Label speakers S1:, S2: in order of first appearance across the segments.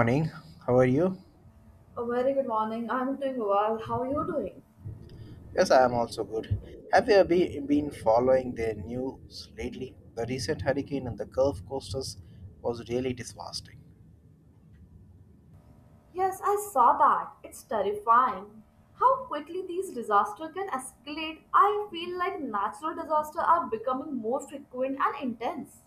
S1: Morning. How are you?
S2: A very good morning. I'm doing well. How are you doing?
S1: Yes, I am also good. Have you been following the news lately? The recent hurricane in the Gulf coasters was really devastating.
S2: Yes, I saw that. It's terrifying. How quickly these disasters can escalate. I feel like natural disasters are becoming more frequent and intense.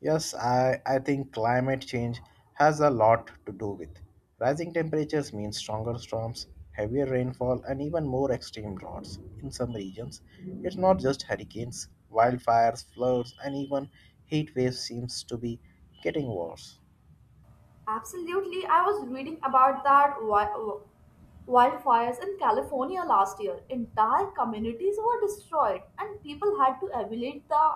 S1: Yes, I think climate change has a lot to do with. Rising temperatures mean stronger storms, heavier rainfall, and even more extreme droughts. In some regions, it's not just hurricanes. Wildfires, floods, and even heat waves seems to be getting worse.
S2: Absolutely. I was reading about wildfires in California last year. Entire communities were destroyed, and people had to evaluate the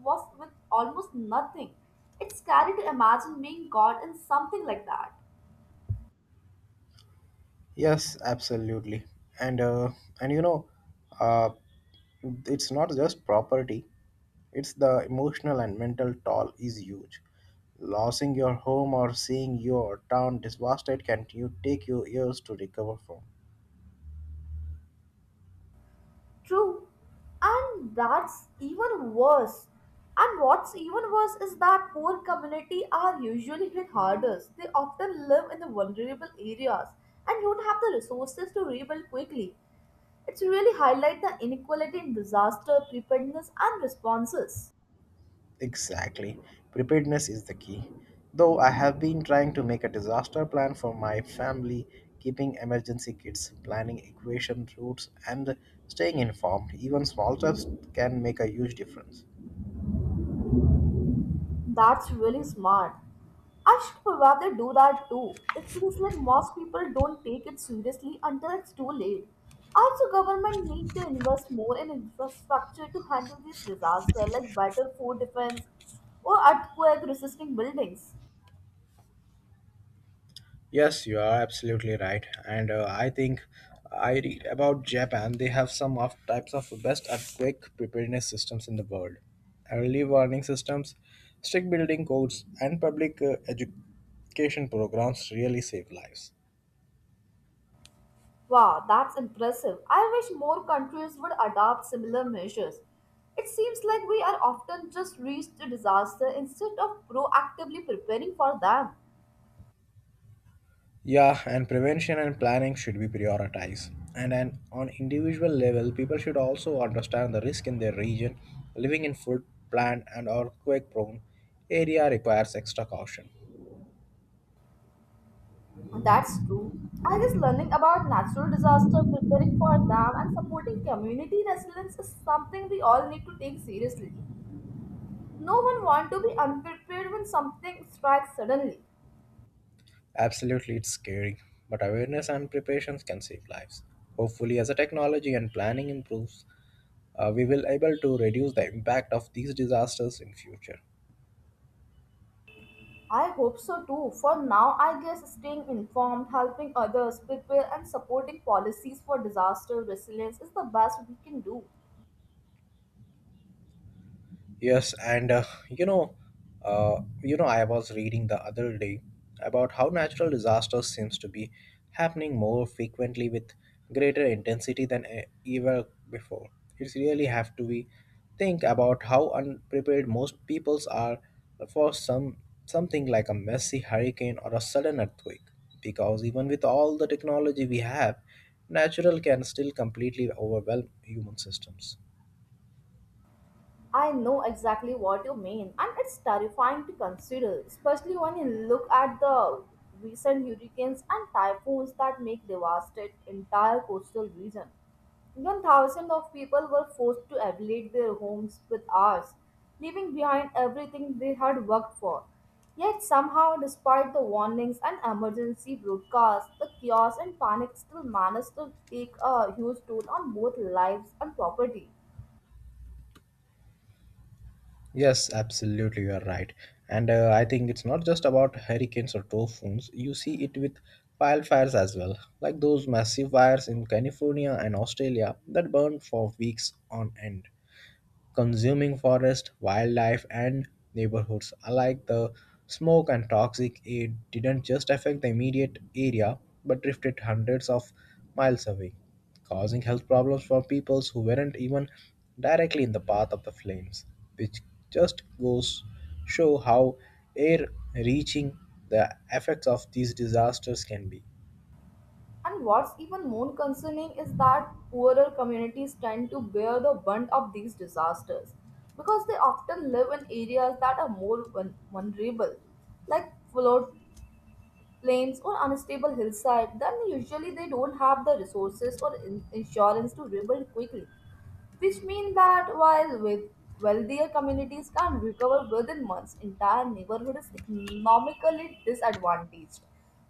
S2: was with almost nothing. It's scary to imagine being caught in something like that.
S1: Yes, absolutely. And uh, and you know, uh, it's not just property; it's the emotional and mental toll is huge. Losing your home or seeing your town devastated can you take you years to recover from.
S2: True. And that's even worse. And what's even worse is that poor community are usually hit hardest. They often live in the vulnerable areas and don't have the resources to rebuild quickly. It's really highlight the inequality in disaster preparedness and responses.
S1: Exactly, preparedness is the key. Though I have been trying to make a disaster plan for my family, keeping emergency kits, planning evacuation routes, and staying informed. Even small steps can make a huge difference.
S2: That's really smart. I should probably do that too. It feels like most people don't take it seriously until it's too late. Also, government need to invest more in infrastructure to handle these disasters like better food defense or earthquake resisting buildings.
S1: Yes, you are absolutely right. And I think I read about Japan. They have some of types of best earthquake preparedness systems in the world. Early warning systems, strict building codes, and public education programs really save lives.
S2: Wow, that's impressive. I wish more countries would adopt similar measures. It seems like we are often just reached to disaster instead of proactively preparing for them.
S1: Yeah, and prevention and planning should be prioritized. And then on individual level, people should also understand the risk in their region. Living in flood, plant, and earthquake-prone area requires extra caution.
S2: That's true. I guess learning about natural disaster, preparing for them, and supporting community resilience is something we all need to take seriously. No one wants to be unprepared when something strikes suddenly.
S1: Absolutely, it's scary, but awareness and preparations can save lives. Hopefully, as the technology and planning improves, we will able to reduce the impact of these disasters in future.
S2: I hope so too. For now, I guess staying informed, helping others prepare, and supporting policies for disaster resilience is the best we can do.
S1: Yes, and I was reading the other day about how natural disasters seems to be happening more frequently with greater intensity than ever before. It's really have to be think about how unprepared most peoples are for something like a messy hurricane or a sudden earthquake. Because even with all the technology we have, natural can still completely overwhelm human systems.
S2: I know exactly what you mean, and it's terrifying to consider, especially when you look at the recent hurricanes and typhoons that make devastate entire coastal region. Even thousands of people were forced to evacuate their homes with ours, leaving behind everything they had worked for. Yet somehow, despite the warnings and emergency broadcasts, the chaos and panic still managed to take a huge toll on both lives and property.
S1: Yes, absolutely, you are right. And I think it's not just about hurricanes or typhoons. You see it with wildfires as well, like those massive fires in California and Australia that burned for weeks on end consuming forest, wildlife, and neighborhoods alike. The smoke and toxic air didn't just affect the immediate area but drifted hundreds of miles away, causing health problems for peoples who weren't even directly in the path of the flames, which just goes show how air reaching the effects of these disasters can be.
S2: And what's even more concerning is that poorer communities tend to bear the brunt of these disasters because they often live in areas that are more vulnerable, like flood plains or unstable hillside. Then usually they don't have the resources or insurance to rebuild quickly which mean that while with wealthier communities can recover within months, entire neighborhood is economically disadvantaged.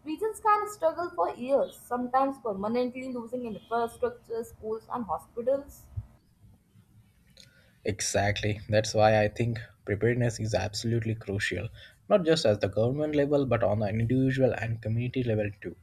S2: Regions can struggle for years, sometimes permanently losing infrastructure, schools, and hospitals.
S1: Exactly. That's why I think preparedness is absolutely crucial, not just at the government level, but on the individual and community level too.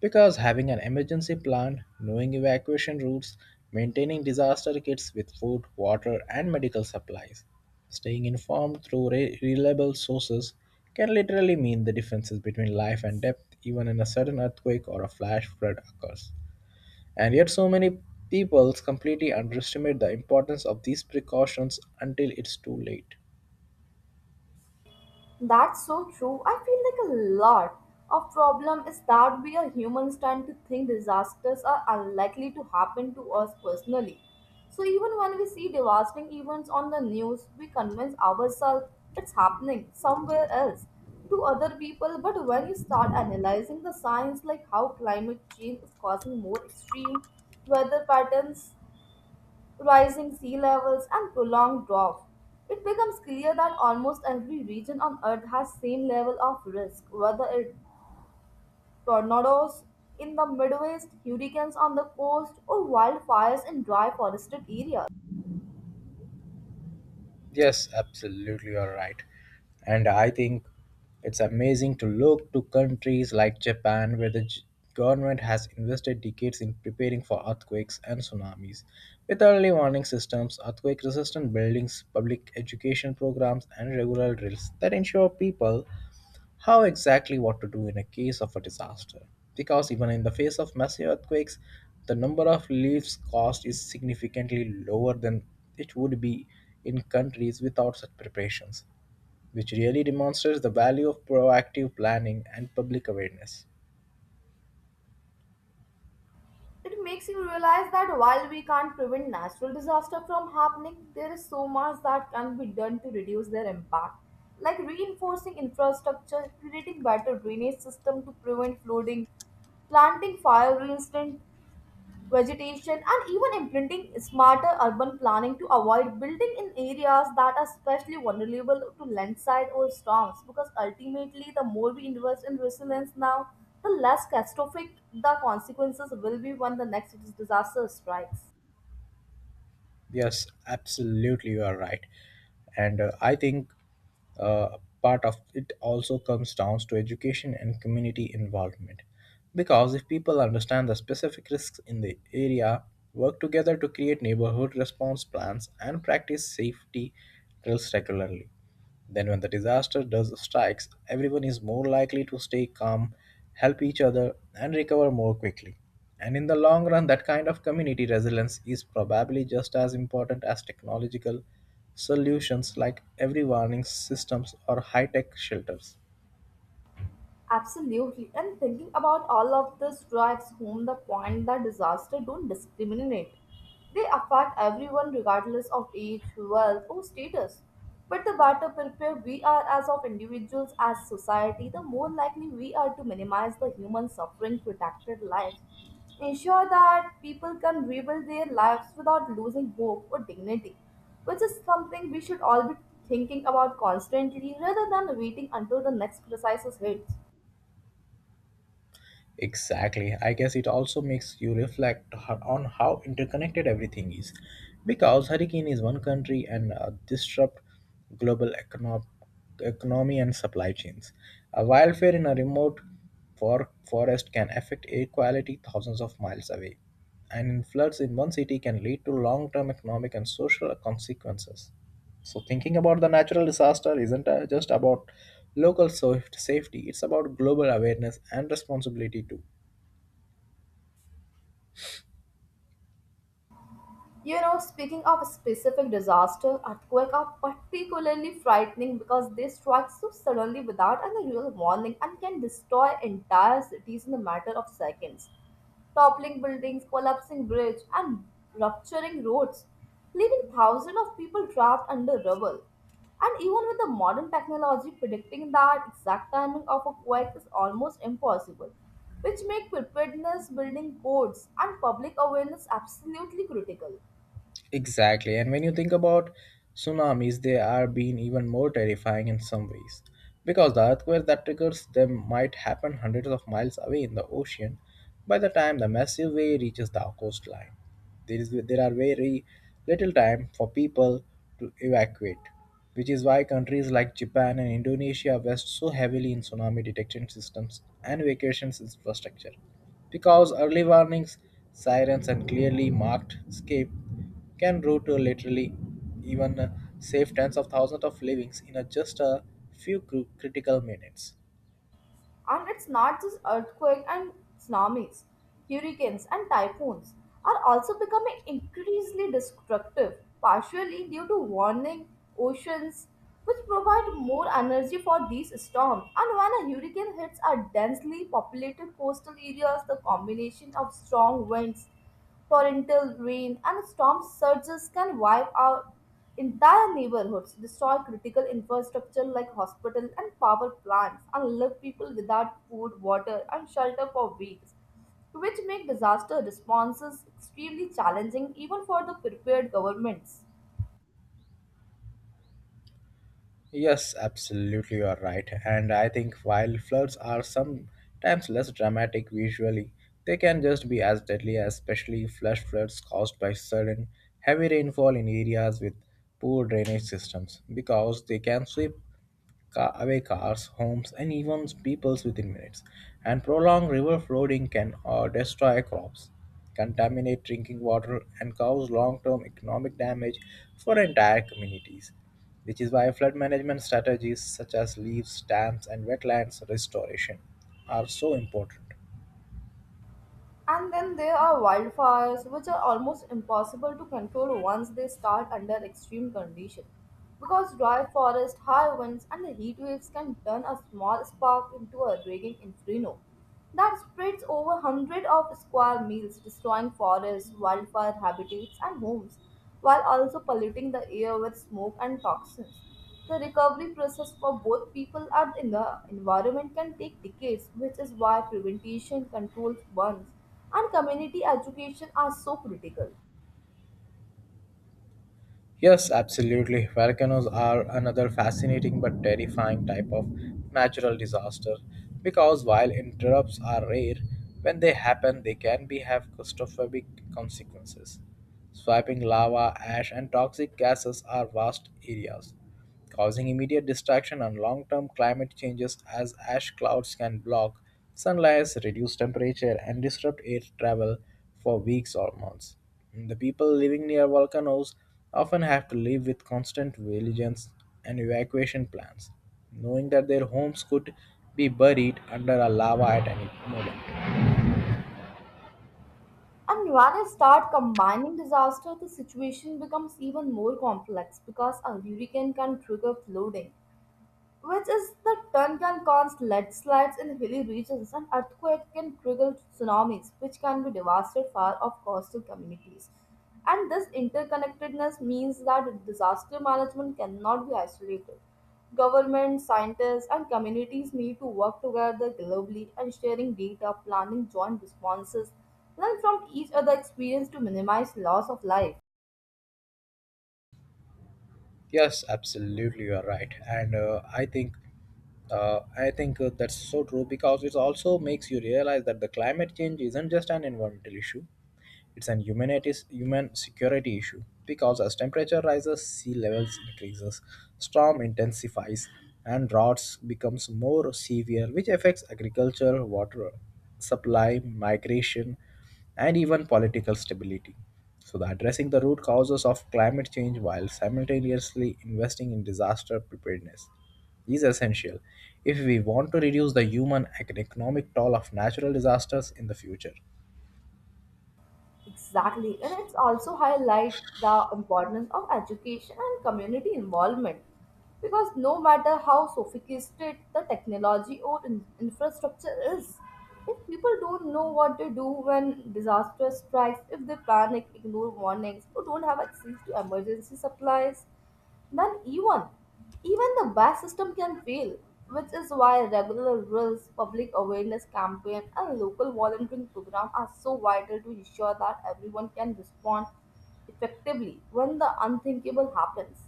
S1: Because having an emergency plan, knowing evacuation routes, maintaining disaster kits with food, water, and medical supplies, staying informed through reliable sources can literally mean the differences between life and death even in a sudden earthquake or a flash flood occurs. And yet, so many people completely underestimate the importance of these precautions until it's too late.
S2: That's so true. I feel like a lot of problem is that we are humans tend to think disasters are unlikely to happen to us personally. So even when we see devastating events on the news, we convince ourselves it's happening somewhere else to other people. But when you start analyzing the science like how climate change is causing more extreme weather patterns rising sea levels, and prolonged drought, it becomes clear that almost every region on Earth has same level of risk, whether it tornadoes in the Midwest, hurricanes on the coast, or wildfires in dry forested areas.
S1: Yes, absolutely, you're right. And I think it's amazing to look to countries like Japan, where the government has invested decades in preparing for earthquakes and tsunamis. With early warning systems, earthquake resistant buildings, public education programs, and regular drills that ensure people how exactly what to do in a case of a disaster because even in the face of massive earthquakes the number of lives cost is significantly lower than it would be in countries without such preparations which really demonstrates the value of proactive planning and public awareness.
S2: It makes you realize that while we can't prevent natural disaster from happening, there is so much that can be done to reduce their impact, like reinforcing infrastructure, creating better drainage system to prevent flooding, planting fire resistant vegetation, and even implementing smarter urban planning to avoid building in areas that are especially vulnerable to landslide or storms. Because ultimately, the more we invest in resilience now, the less catastrophic the consequences will be when the next disaster strikes.
S1: Yes, absolutely, you are right. And I think part of it also comes down to education and community involvement. Because if people understand the specific risks in the area, work together to create neighborhood response plans, and practice safety drills regularly, then, when the disaster does strikes, everyone is more likely to stay calm, help each other, and recover more quickly. And in the long run, that kind of community resilience is probably just as important as technological solutions like every warning systems or high tech shelters.
S2: Absolutely. And thinking about all of this drives home the point that disaster don't discriminate. They affect everyone regardless of age, wealth, or status. But the better prepared we are as of individuals, as society, the more likely we are to minimize the human suffering, protected lives, ensure that people can rebuild their lives without losing hope or dignity, which is something we should all be thinking about constantly rather than waiting until the next crisis hits.
S1: Exactly. I guess it also makes you reflect on how interconnected everything is. Because hurricane is one country and disrupt global economy and supply chains. A wildfire in a remote forest can affect air quality thousands of miles away. And floods in one city can lead to long-term economic and social consequences. So thinking about the natural disaster isn't just about local safety, it's about global awareness and responsibility too.
S2: You know, speaking of specific disaster, earthquakes are particularly frightening because they strike so suddenly without any real warning and can destroy entire cities in a matter of seconds. Toppling buildings, collapsing bridges, and rupturing roads, leaving thousands of people trapped under rubble. And even with the modern technology, predicting that exact timing of a quake is almost impossible, which make preparedness, building codes, and public awareness absolutely critical.
S1: Exactly. And when you think about tsunamis, they are being even more terrifying in some ways. Because the earthquake that triggers them might happen hundreds of miles away in the ocean by the time the massive wave reaches the coastline. There are very little time for people to evacuate, which is why countries like Japan and Indonesia invest so heavily in tsunami detection systems and evacuation infrastructure because early warnings, sirens, and clearly marked escape can root literally even save tens of thousands of livings in just a few critical minutes.
S2: And it's not just earthquakes and tsunamis, hurricanes and typhoons are also becoming increasingly destructive, partially due to warming oceans, which provide more energy for these storms. And when a hurricane hits our densely populated coastal areas, the combination of strong winds torrential rain and storm surges can wipe out entire neighborhoods, destroy critical infrastructure like hospitals and power plants, and leave people without food, water, and shelter for weeks, which make disaster responses extremely challenging even for the prepared governments.
S1: Yes, absolutely, you are right. And I think while floods are sometimes less dramatic visually, they can just be as deadly, especially flash floods caused by sudden heavy rainfall in areas with poor drainage systems, because they can sweep away cars, homes, and even peoples within minutes. And prolonged river flooding can destroy crops, contaminate drinking water, and cause long term economic damage for entire communities. Which is why flood management strategies such as leaves, dams, and wetlands restoration are so important.
S2: And then there are wildfires, which are almost impossible to control once they start under extreme conditions. Because dry forest, high winds, and the heat waves can turn a small spark into a raging inferno that spreads over hundreds of square miles, destroying forests, wildfire habitats, and homes, while also polluting the air with smoke and toxins. The recovery process for both people and in the environment can take decades, which is why prevention, controlled burns, and community education are so critical.
S1: Yes, absolutely. Volcanoes are another fascinating but terrifying type of natural disaster because while interrupts are rare, when they happen, they can be have catastrophic consequences. Swiping lava, ash, and toxic gases are vast areas, causing immediate distraction and long term climate changes as ash clouds can block sunlight, reduce temperature, and disrupt air travel for weeks or months. The people living near volcanoes often have to live with constant vigilance and evacuation plans, knowing that their homes could be buried under a lava at any moment.
S2: And when I start combining disaster, the situation becomes even more complex because a hurricane can trigger flooding, which is the ton can cause landslides in hilly regions and earthquake can trigger tsunamis which can be devastated far off coastal communities and this interconnectedness means that disaster management cannot be isolated government scientists and communities need to work together globally and sharing data planning joint responses learn from each other experience to minimize loss of life.
S1: Yes, absolutely, you are right, and I think that's so true because it also makes you realize that the climate change isn't just an environmental issue; it's an humanities human security issue. Because as temperature rises, sea levels increases, storm intensifies, and droughts becomes more severe, which affects agriculture, water supply, migration, and even political stability. So, the addressing the root causes of climate change while simultaneously investing in disaster preparedness is essential if we want to reduce the human and economic toll of natural disasters in the future.
S2: Exactly, and it's also highlight the importance of education and community involvement because no matter how sophisticated the technology or infrastructure is, if people don't know what to do when disaster strikes, if they panic, ignore warnings, or don't have access to emergency supplies, then even the best system can fail, which is why regular drills, public awareness campaign, and local volunteering program are so vital to ensure that everyone can respond effectively when the unthinkable happens.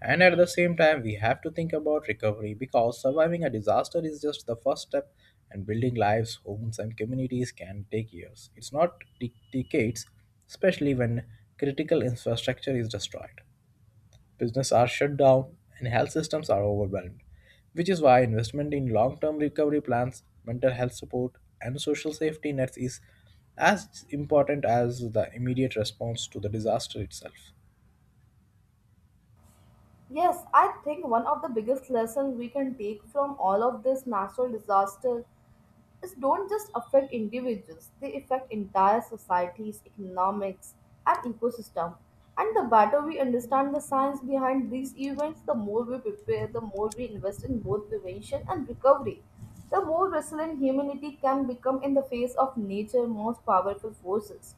S1: And at the same time, we have to think about recovery because surviving a disaster is just the first step, and building lives, homes, and communities can take years. It's not decades, especially when critical infrastructure is destroyed. Businesses are shut down and health systems are overwhelmed, which is why investment in long term recovery plans, mental health support, and social safety nets is as important as the immediate response to the disaster itself.
S2: Yes, I think one of the biggest lessons we can take from all of this natural disaster is don't just affect individuals, they affect entire societies, economics, and ecosystem. And the better we understand the science behind these events, the more we prepare, the more we invest in both prevention and recovery, the more resilient humanity can become in the face of nature's most powerful forces.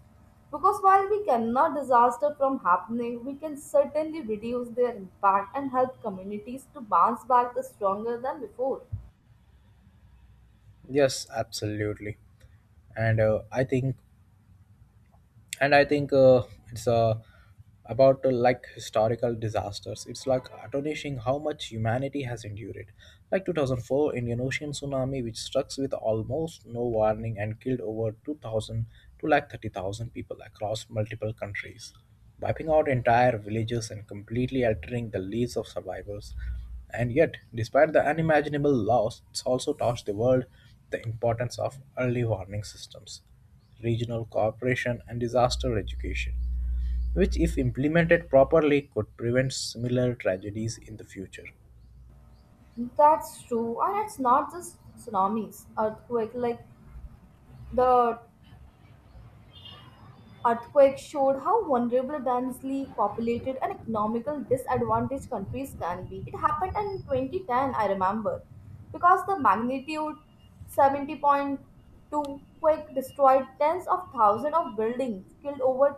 S2: Because while we cannot disaster from happening, we can certainly reduce their impact and help communities to bounce back the stronger than before.
S1: Yes, absolutely. And I think and I think it's about like historical disasters it's like astonishing how much humanity has endured like 2004 indian ocean tsunami which struck with almost no warning and killed over 2000 to like 30,000 people across multiple countries wiping out entire villages and completely altering the lives of survivors and yet despite the unimaginable loss it's also taught the world the importance of early warning systems regional cooperation and disaster education, which, if implemented properly, could prevent similar tragedies in the future.
S2: That's true, and it's not just tsunamis, earthquake. Like the earthquake showed how vulnerable, densely populated, and economical disadvantaged countries can be. It happened in 2010, I remember, because the magnitude 70.2 quake destroyed tens of thousands of buildings, killed over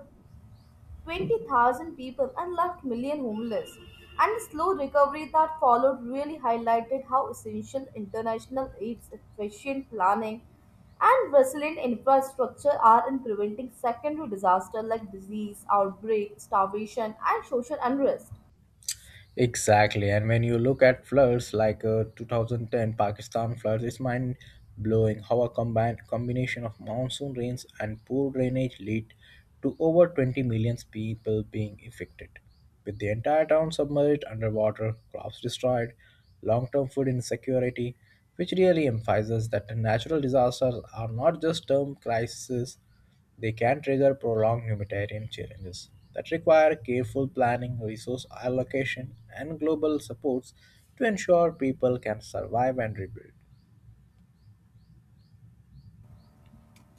S2: 20,000 people and left million homeless. And the slow recovery that followed really highlighted how essential international aid's efficient planning and resilient infrastructure are in preventing secondary disaster like disease, outbreak, starvation, and social unrest.
S1: Exactly. And when you look at floods like 2010 Pakistan floods, it's mind blowing how a combined combination of monsoon rains and poor drainage lead to over 20 million people being affected. With the entire town submerged underwater, crops destroyed, long term food insecurity, which really emphasizes that natural disasters are not just term crises they can trigger prolonged humanitarian challenges that require careful planning, resource allocation, and global supports to ensure people can survive and rebuild.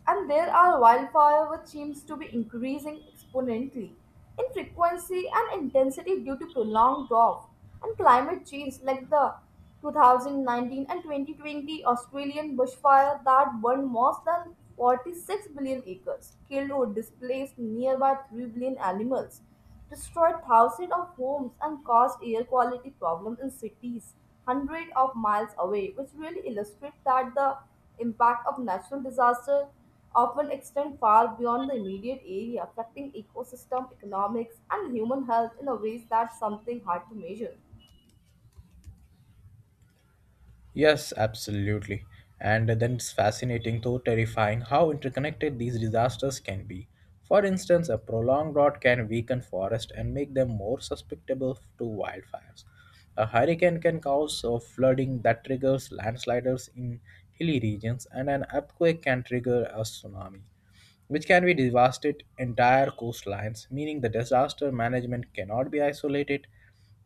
S2: And there are wildfire which seems to be increasing exponentially in frequency and intensity due to prolonged drought and climate change like the 2019 and 2020 Australian bushfire that burned more than 46 billion acres, killed or displaced nearby 3 billion animals destroyed thousands of homes and caused air quality problems in cities hundreds of miles away, which really illustrates that the impact of natural disasters often extend far beyond the immediate area, affecting ecosystem, economics, and human health in a ways that's something hard to measure.
S1: Yes, absolutely. And then it's fascinating, though terrifying, how interconnected these disasters can be. For instance, a prolonged drought can weaken forests and make them more susceptible to wildfires. A hurricane can cause flooding that triggers landslides in hilly regions, and an earthquake can trigger a tsunami which can be devastate entire coastlines, meaning the disaster management cannot be isolated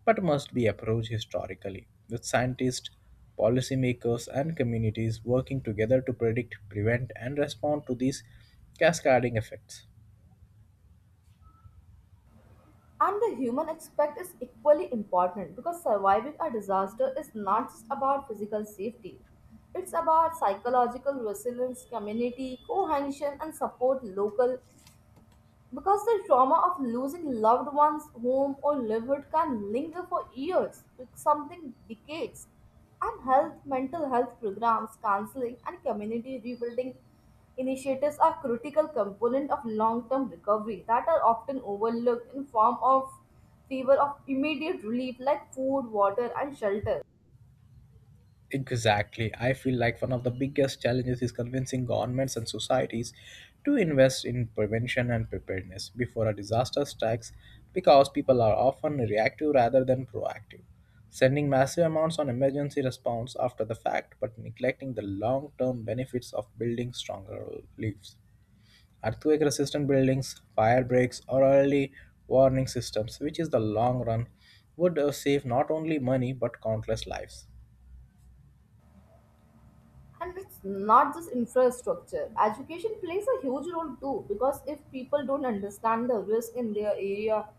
S1: but must be approached historically, with scientists, policymakers, and communities working together to predict, prevent, and respond to these cascading effects.
S2: And the human aspect is equally important because surviving a disaster is not just about physical safety. It's about psychological resilience, community cohesion, and support local because the trauma of losing loved ones, home, or livelihood can linger for years, with something decades. And health, mental health programs, counseling, and community rebuilding initiatives are critical component of long-term recovery that are often overlooked in form of favor of immediate relief like food, water, and shelter.
S1: Exactly. I feel like one of the biggest challenges is convincing governments and societies to invest in prevention and preparedness before a disaster strikes because people are often reactive rather than proactive, sending massive amounts on emergency response after the fact but neglecting the long term benefits of building stronger leaves. Earthquake resistant buildings, fire breaks, or early warning systems, which is the long run, would save not only money but countless lives.
S2: And it's not just infrastructure. Education plays a huge role too, because if people don't understand the risk in their area,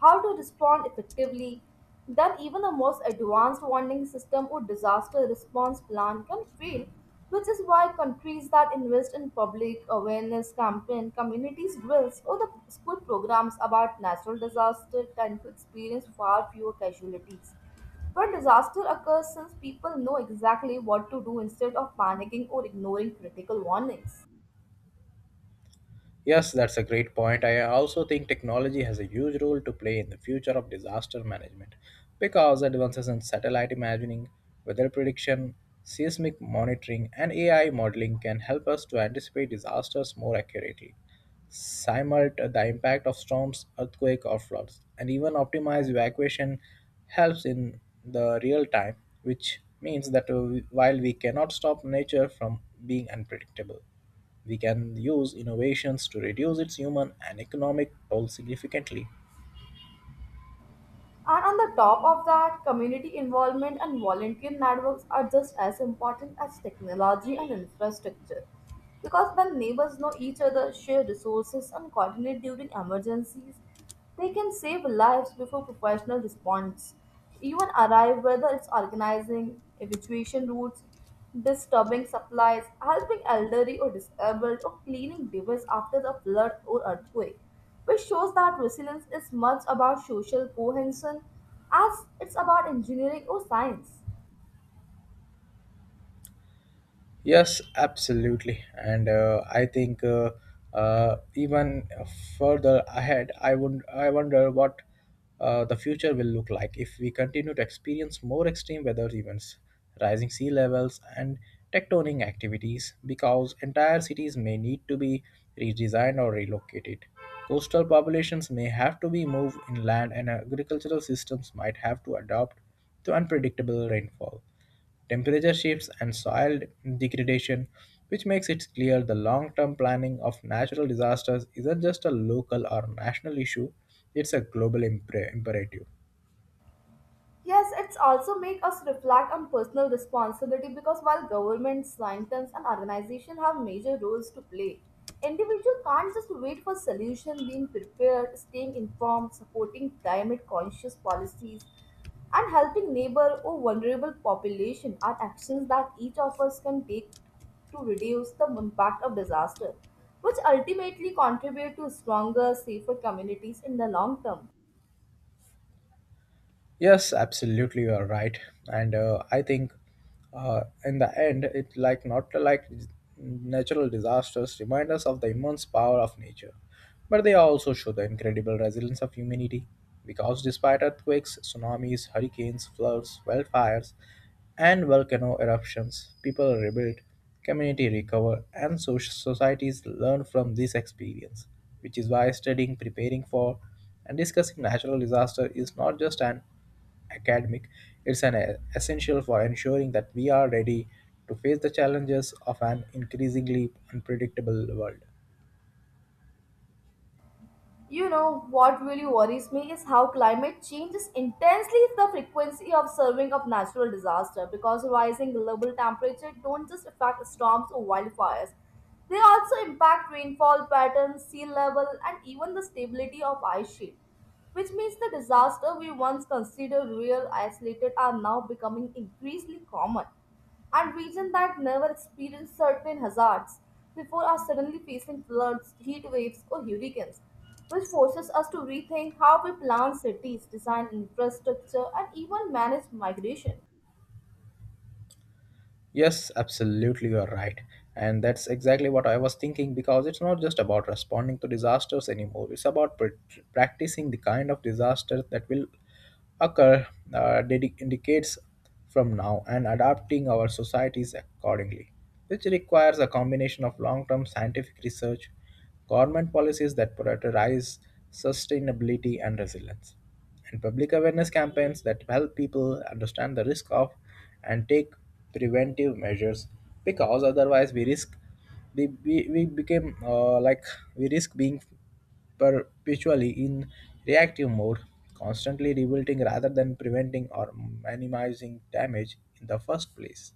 S2: how to respond effectively, then even the most advanced warning system or disaster response plan can fail, which is why countries that invest in public awareness campaign, communities drills, or the school programs about natural disaster tend to experience far fewer casualties where disaster occurs since people know exactly what to do instead of panicking or ignoring critical warnings.
S1: Yes, that's a great point. I also think technology has a huge role to play in the future of disaster management because advances in satellite imaging, weather prediction, seismic monitoring, and AI modeling can help us to anticipate disasters more accurately, simulate the impact of storms, earthquake, or floods, and even optimize evacuation helps in the real time, which means that while we cannot stop nature from being unpredictable. We can use innovations to reduce its human and economic toll significantly.
S2: And on the top of that, community involvement and volunteer networks are just as important as technology and infrastructure. Because when neighbors know each other, share resources, and coordinate during emergencies, they can save lives before professional response even arrive, whether it's organizing evacuation routes, disturbing supplies, helping elderly or disabled, or cleaning debris after the flood or earthquake, which shows that resilience is much about social cohesion as it's about engineering or science.
S1: Yes, absolutely. And I think even further ahead, I wonder what the future will look like if we continue to experience more extreme weather events, rising sea levels, and tectonic activities, because entire cities may need to be redesigned or relocated. Coastal populations may have to be moved inland, and agricultural systems might have to adapt to unpredictable rainfall temperature shifts, and soil degradation, which makes it clear the long term planning of natural disasters isn't just a local or national issue, it's a global imperative.
S2: Yes, it's also make us reflect on personal responsibility because while governments, scientists, and organizations have major roles to play, individual can't just wait for solution. Being prepared, staying informed, supporting climate conscious policies, and helping neighbor or vulnerable population are actions that each of us can take to reduce the impact of disaster, which ultimately contribute to stronger, safer communities in the long term.
S1: Yes, absolutely, you are right. And I think in the end, it like not like natural disasters remind us of the immense power of nature, but they also show the incredible resilience of humanity. Because despite earthquakes, tsunamis, hurricanes, floods, wildfires, and volcano eruptions, people rebuild, community recover, and societies learn from this experience, which is why studying, preparing for, and discussing natural disaster is not just an academic, it's an essential for ensuring that we are ready to face the challenges of an increasingly unpredictable world.
S2: You know, what really worries me is how climate changes intensely the frequency of serving of natural disaster because rising global temperature don't just affect storms or wildfires. They also impact rainfall patterns, sea level, and even the stability of ice sheet, which means the disaster we once considered real isolated are now becoming increasingly common and regions that never experienced certain hazards before are suddenly facing floods, heat waves, or hurricanes, which forces us to rethink how we plan cities, design infrastructure, and even manage migration.
S1: Yes, absolutely, you're right. And that's exactly what I was thinking because it's not just about responding to disasters anymore. It's about practicing the kind of disaster that will occur decades from now and adapting our societies accordingly, which requires a combination of long term scientific research government policies that prioritize sustainability and resilience, and public awareness campaigns that help people understand the risk of and take preventive measures because otherwise we risk we became like we risk being perpetually in reactive mode constantly rebuilding rather than preventing or minimizing damage in the first place.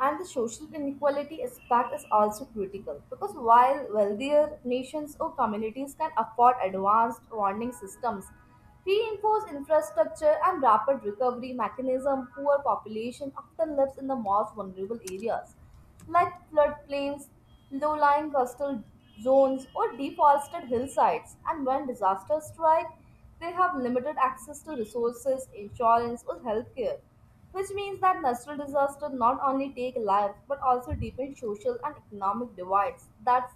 S2: And the social inequality aspect is also critical because while wealthier nations or communities can afford advanced warning systems, reinforced infrastructure, and rapid recovery mechanism, poor population often lives in the most vulnerable areas like floodplains, low-lying coastal zones, or deforested hillsides. And when disasters strike, they have limited access to resources, insurance, or healthcare, which means that natural disasters not only take lives but also deepen social and economic divides. That's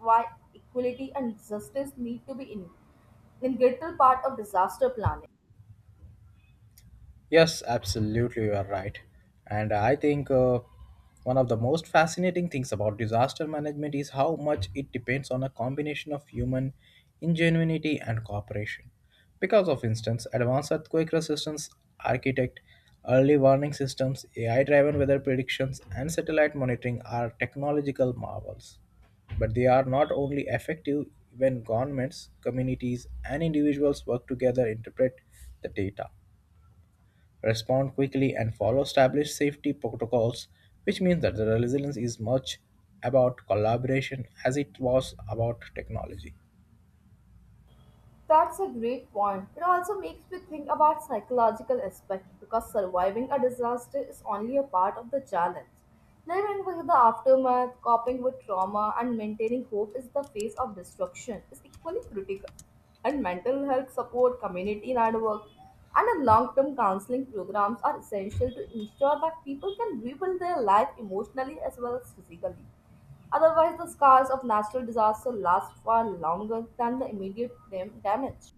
S2: why equality and justice need to be in integral part of disaster planning.
S1: Yes, absolutely, you are right. And I think one of the most fascinating things about disaster management is how much it depends on a combination of human ingenuity and cooperation. Because of instance, advanced earthquake resistance architect, early warning systems, AI driven weather predictions, and satellite monitoring are technological marvels. But they are not only effective when governments, communities, and individuals work together interpret the data respond quickly, and follow established safety protocols, which means that the resilience is much about collaboration as it was about technology.
S2: That's a great point. It also makes me think about psychological aspect because surviving a disaster is only a part of the challenge. Living with the aftermath, coping with trauma, and maintaining hope is the face of destruction is equally critical. And mental health support, community network, and a long-term counseling programs are essential to ensure that people can rebuild their life emotionally as well as physically. Otherwise, the scars of natural disaster last far longer than the immediate damage.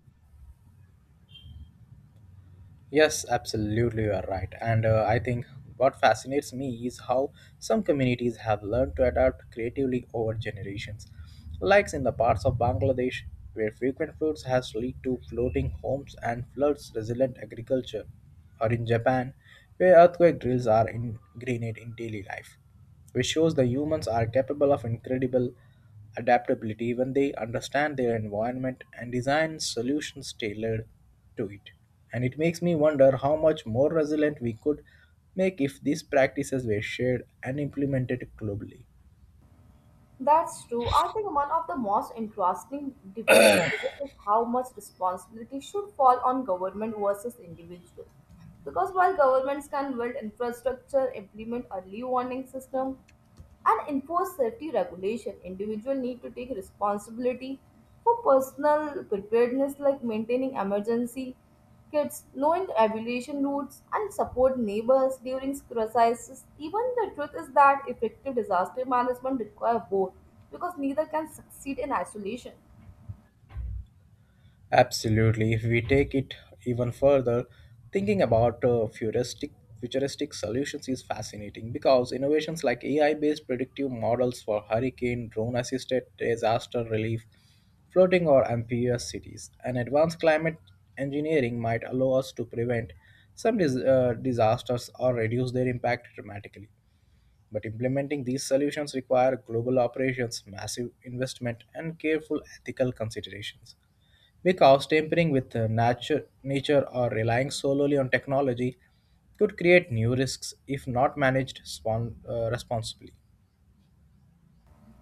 S1: Yes, absolutely, you are right. And I think what fascinates me is how some communities have learned to adapt creatively over generations. Like in the parts of Bangladesh where frequent floods has led to floating homes and floods resilient agriculture, or in Japan where earthquake drills are ingrained in daily life, which shows the humans are capable of incredible adaptability when they understand their environment and design solutions tailored to it. And it makes me wonder how much more resilient we could make if these practices were shared and implemented globally.
S2: That's true. I think one of the most interesting debates is how much responsibility should fall on government versus individual. Because while governments can build infrastructure, implement early warning system, and enforce safety regulation. Individuals need to take responsibility for personal preparedness like maintaining emergency kits, knowing the evaluation routes, and support neighbors during crises. Even the truth is that effective disaster management requires both because neither can succeed in isolation.
S1: Absolutely. If we take it even further, thinking about futuristic solutions is fascinating because innovations like AI-based predictive models for hurricane, drone-assisted disaster relief, floating or amphibious cities, and advanced climate engineering might allow us to prevent some disasters or reduce their impact dramatically. But implementing these solutions require global operations, massive investment, and careful ethical considerations because tampering with nature or relying solely on technology could create new risks if not managed responsibly.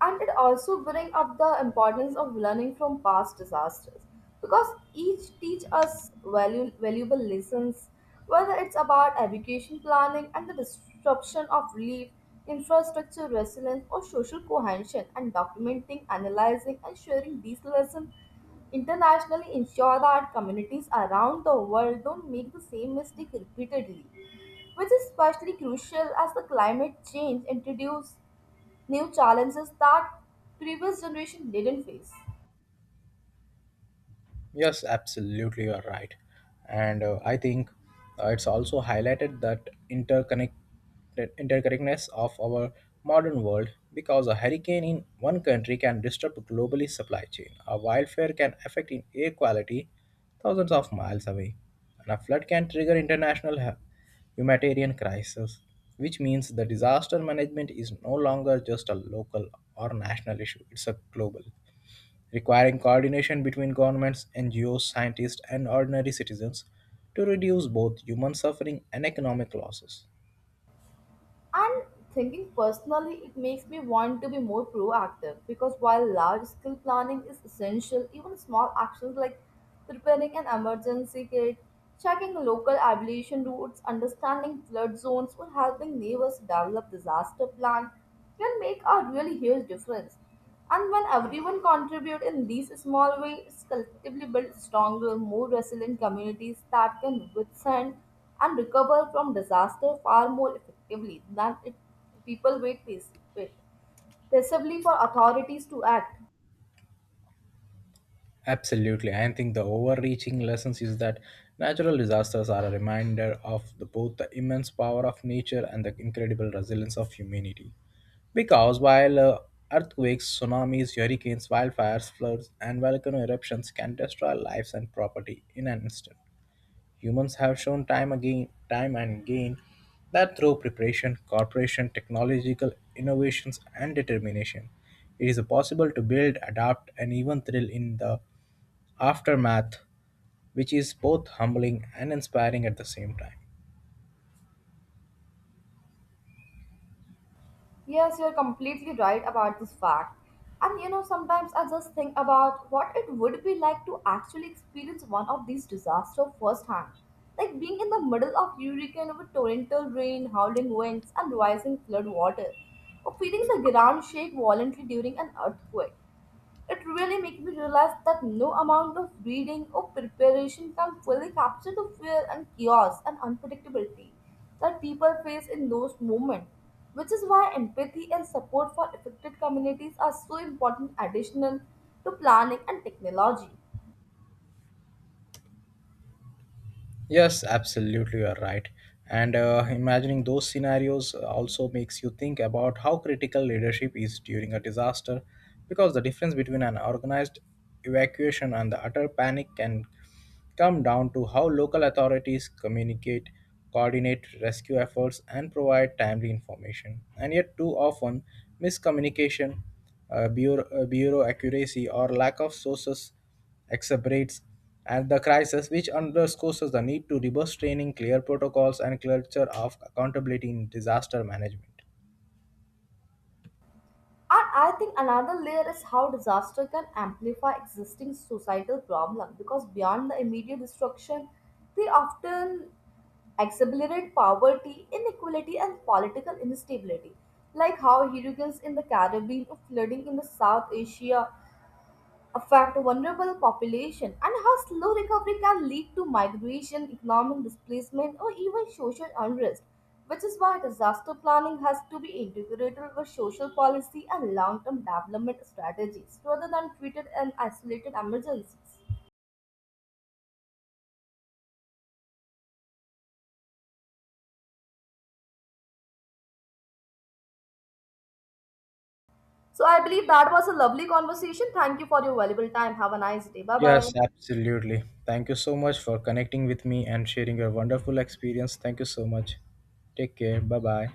S2: And it also brings up the importance of learning from past disasters because each teach us valuable lessons, whether it's about evacuation planning and the disruption of relief infrastructure resilience or social cohesion, and documenting, analyzing, and sharing these lessons internationally ensure that communities around the world don't make the same mistake repeatedly, which is especially crucial as the climate change introduces new challenges that previous generation didn't face.
S1: Yes, absolutely, you're right. And I think it's also highlighted that interconnectedness of our modern world because a hurricane in one country can disrupt globally supply chain. A wildfire can affect in air quality thousands of miles away, and a flood can trigger international humanitarian crisis, which means the disaster management is no longer just a local or national issue; it's a global requiring coordination between governments, NGOs, scientists, and ordinary citizens to reduce both human suffering and economic losses.
S2: And thinking personally, it makes me want to be more proactive because while large scale planning is essential, even small actions like preparing an emergency kit, checking local aviation routes, understanding flood zones, or helping neighbors develop disaster plan can make a really huge difference. And when everyone contributes in these small ways, collectively build stronger, more resilient communities that can withstand and recover from disaster far more effectively than if people wait passively for authorities to act.
S1: Absolutely, I think the overreaching lessons is that natural disasters are a reminder of the, both the immense power of nature and the incredible resilience of humanity. Because while earthquakes, tsunamis, hurricanes, wildfires, floods, and volcano eruptions can destroy lives and property in an instant, humans have shown time and again, that through preparation, cooperation, technological innovations, and determination, it is possible to build, adapt, and even thrill in the aftermath, which is both humbling and inspiring at the same time.
S2: Yes, you're completely right about this fact. And you know, sometimes I just think about what it would be like to actually experience one of these disasters firsthand. Like being in the middle of hurricane with torrential rain, howling winds, and rising flood water, or feeling the ground shake violently during an earthquake. It really made me realize that no amount of reading or preparation can fully capture the fear and chaos and unpredictability that people face in those moments, which is why empathy and support for affected communities are so important additional to planning and technology.
S1: Yes, absolutely, you are right. And imagining those scenarios also makes you think about how critical leadership is during a disaster, because the difference between an organized evacuation and the utter panic can come down to how local authorities communicate, coordinate rescue efforts, and provide timely information. And yet, too often, miscommunication, bureau accuracy, or lack of sources exacerbates and the crisis, which underscores the need to reverse training, clear protocols, and culture of accountability in disaster management.
S2: And I think another layer is how disaster can amplify existing societal problems because beyond the immediate destruction, they often exacerbate poverty, inequality, and political instability, like how hurricanes in the Caribbean or flooding in the South Asia affect vulnerable population and how slow recovery can lead to migration, economic displacement, or even social unrest, which is why disaster planning has to be integrated with social policy and long-term development strategies rather than treated as isolated emergencies. So I believe that was a lovely conversation. Thank you for your valuable time. Have a nice day. Bye-bye.
S1: Yes, absolutely. Thank you so much for connecting with me and sharing your wonderful experience. Thank you so much. Take care. Bye bye.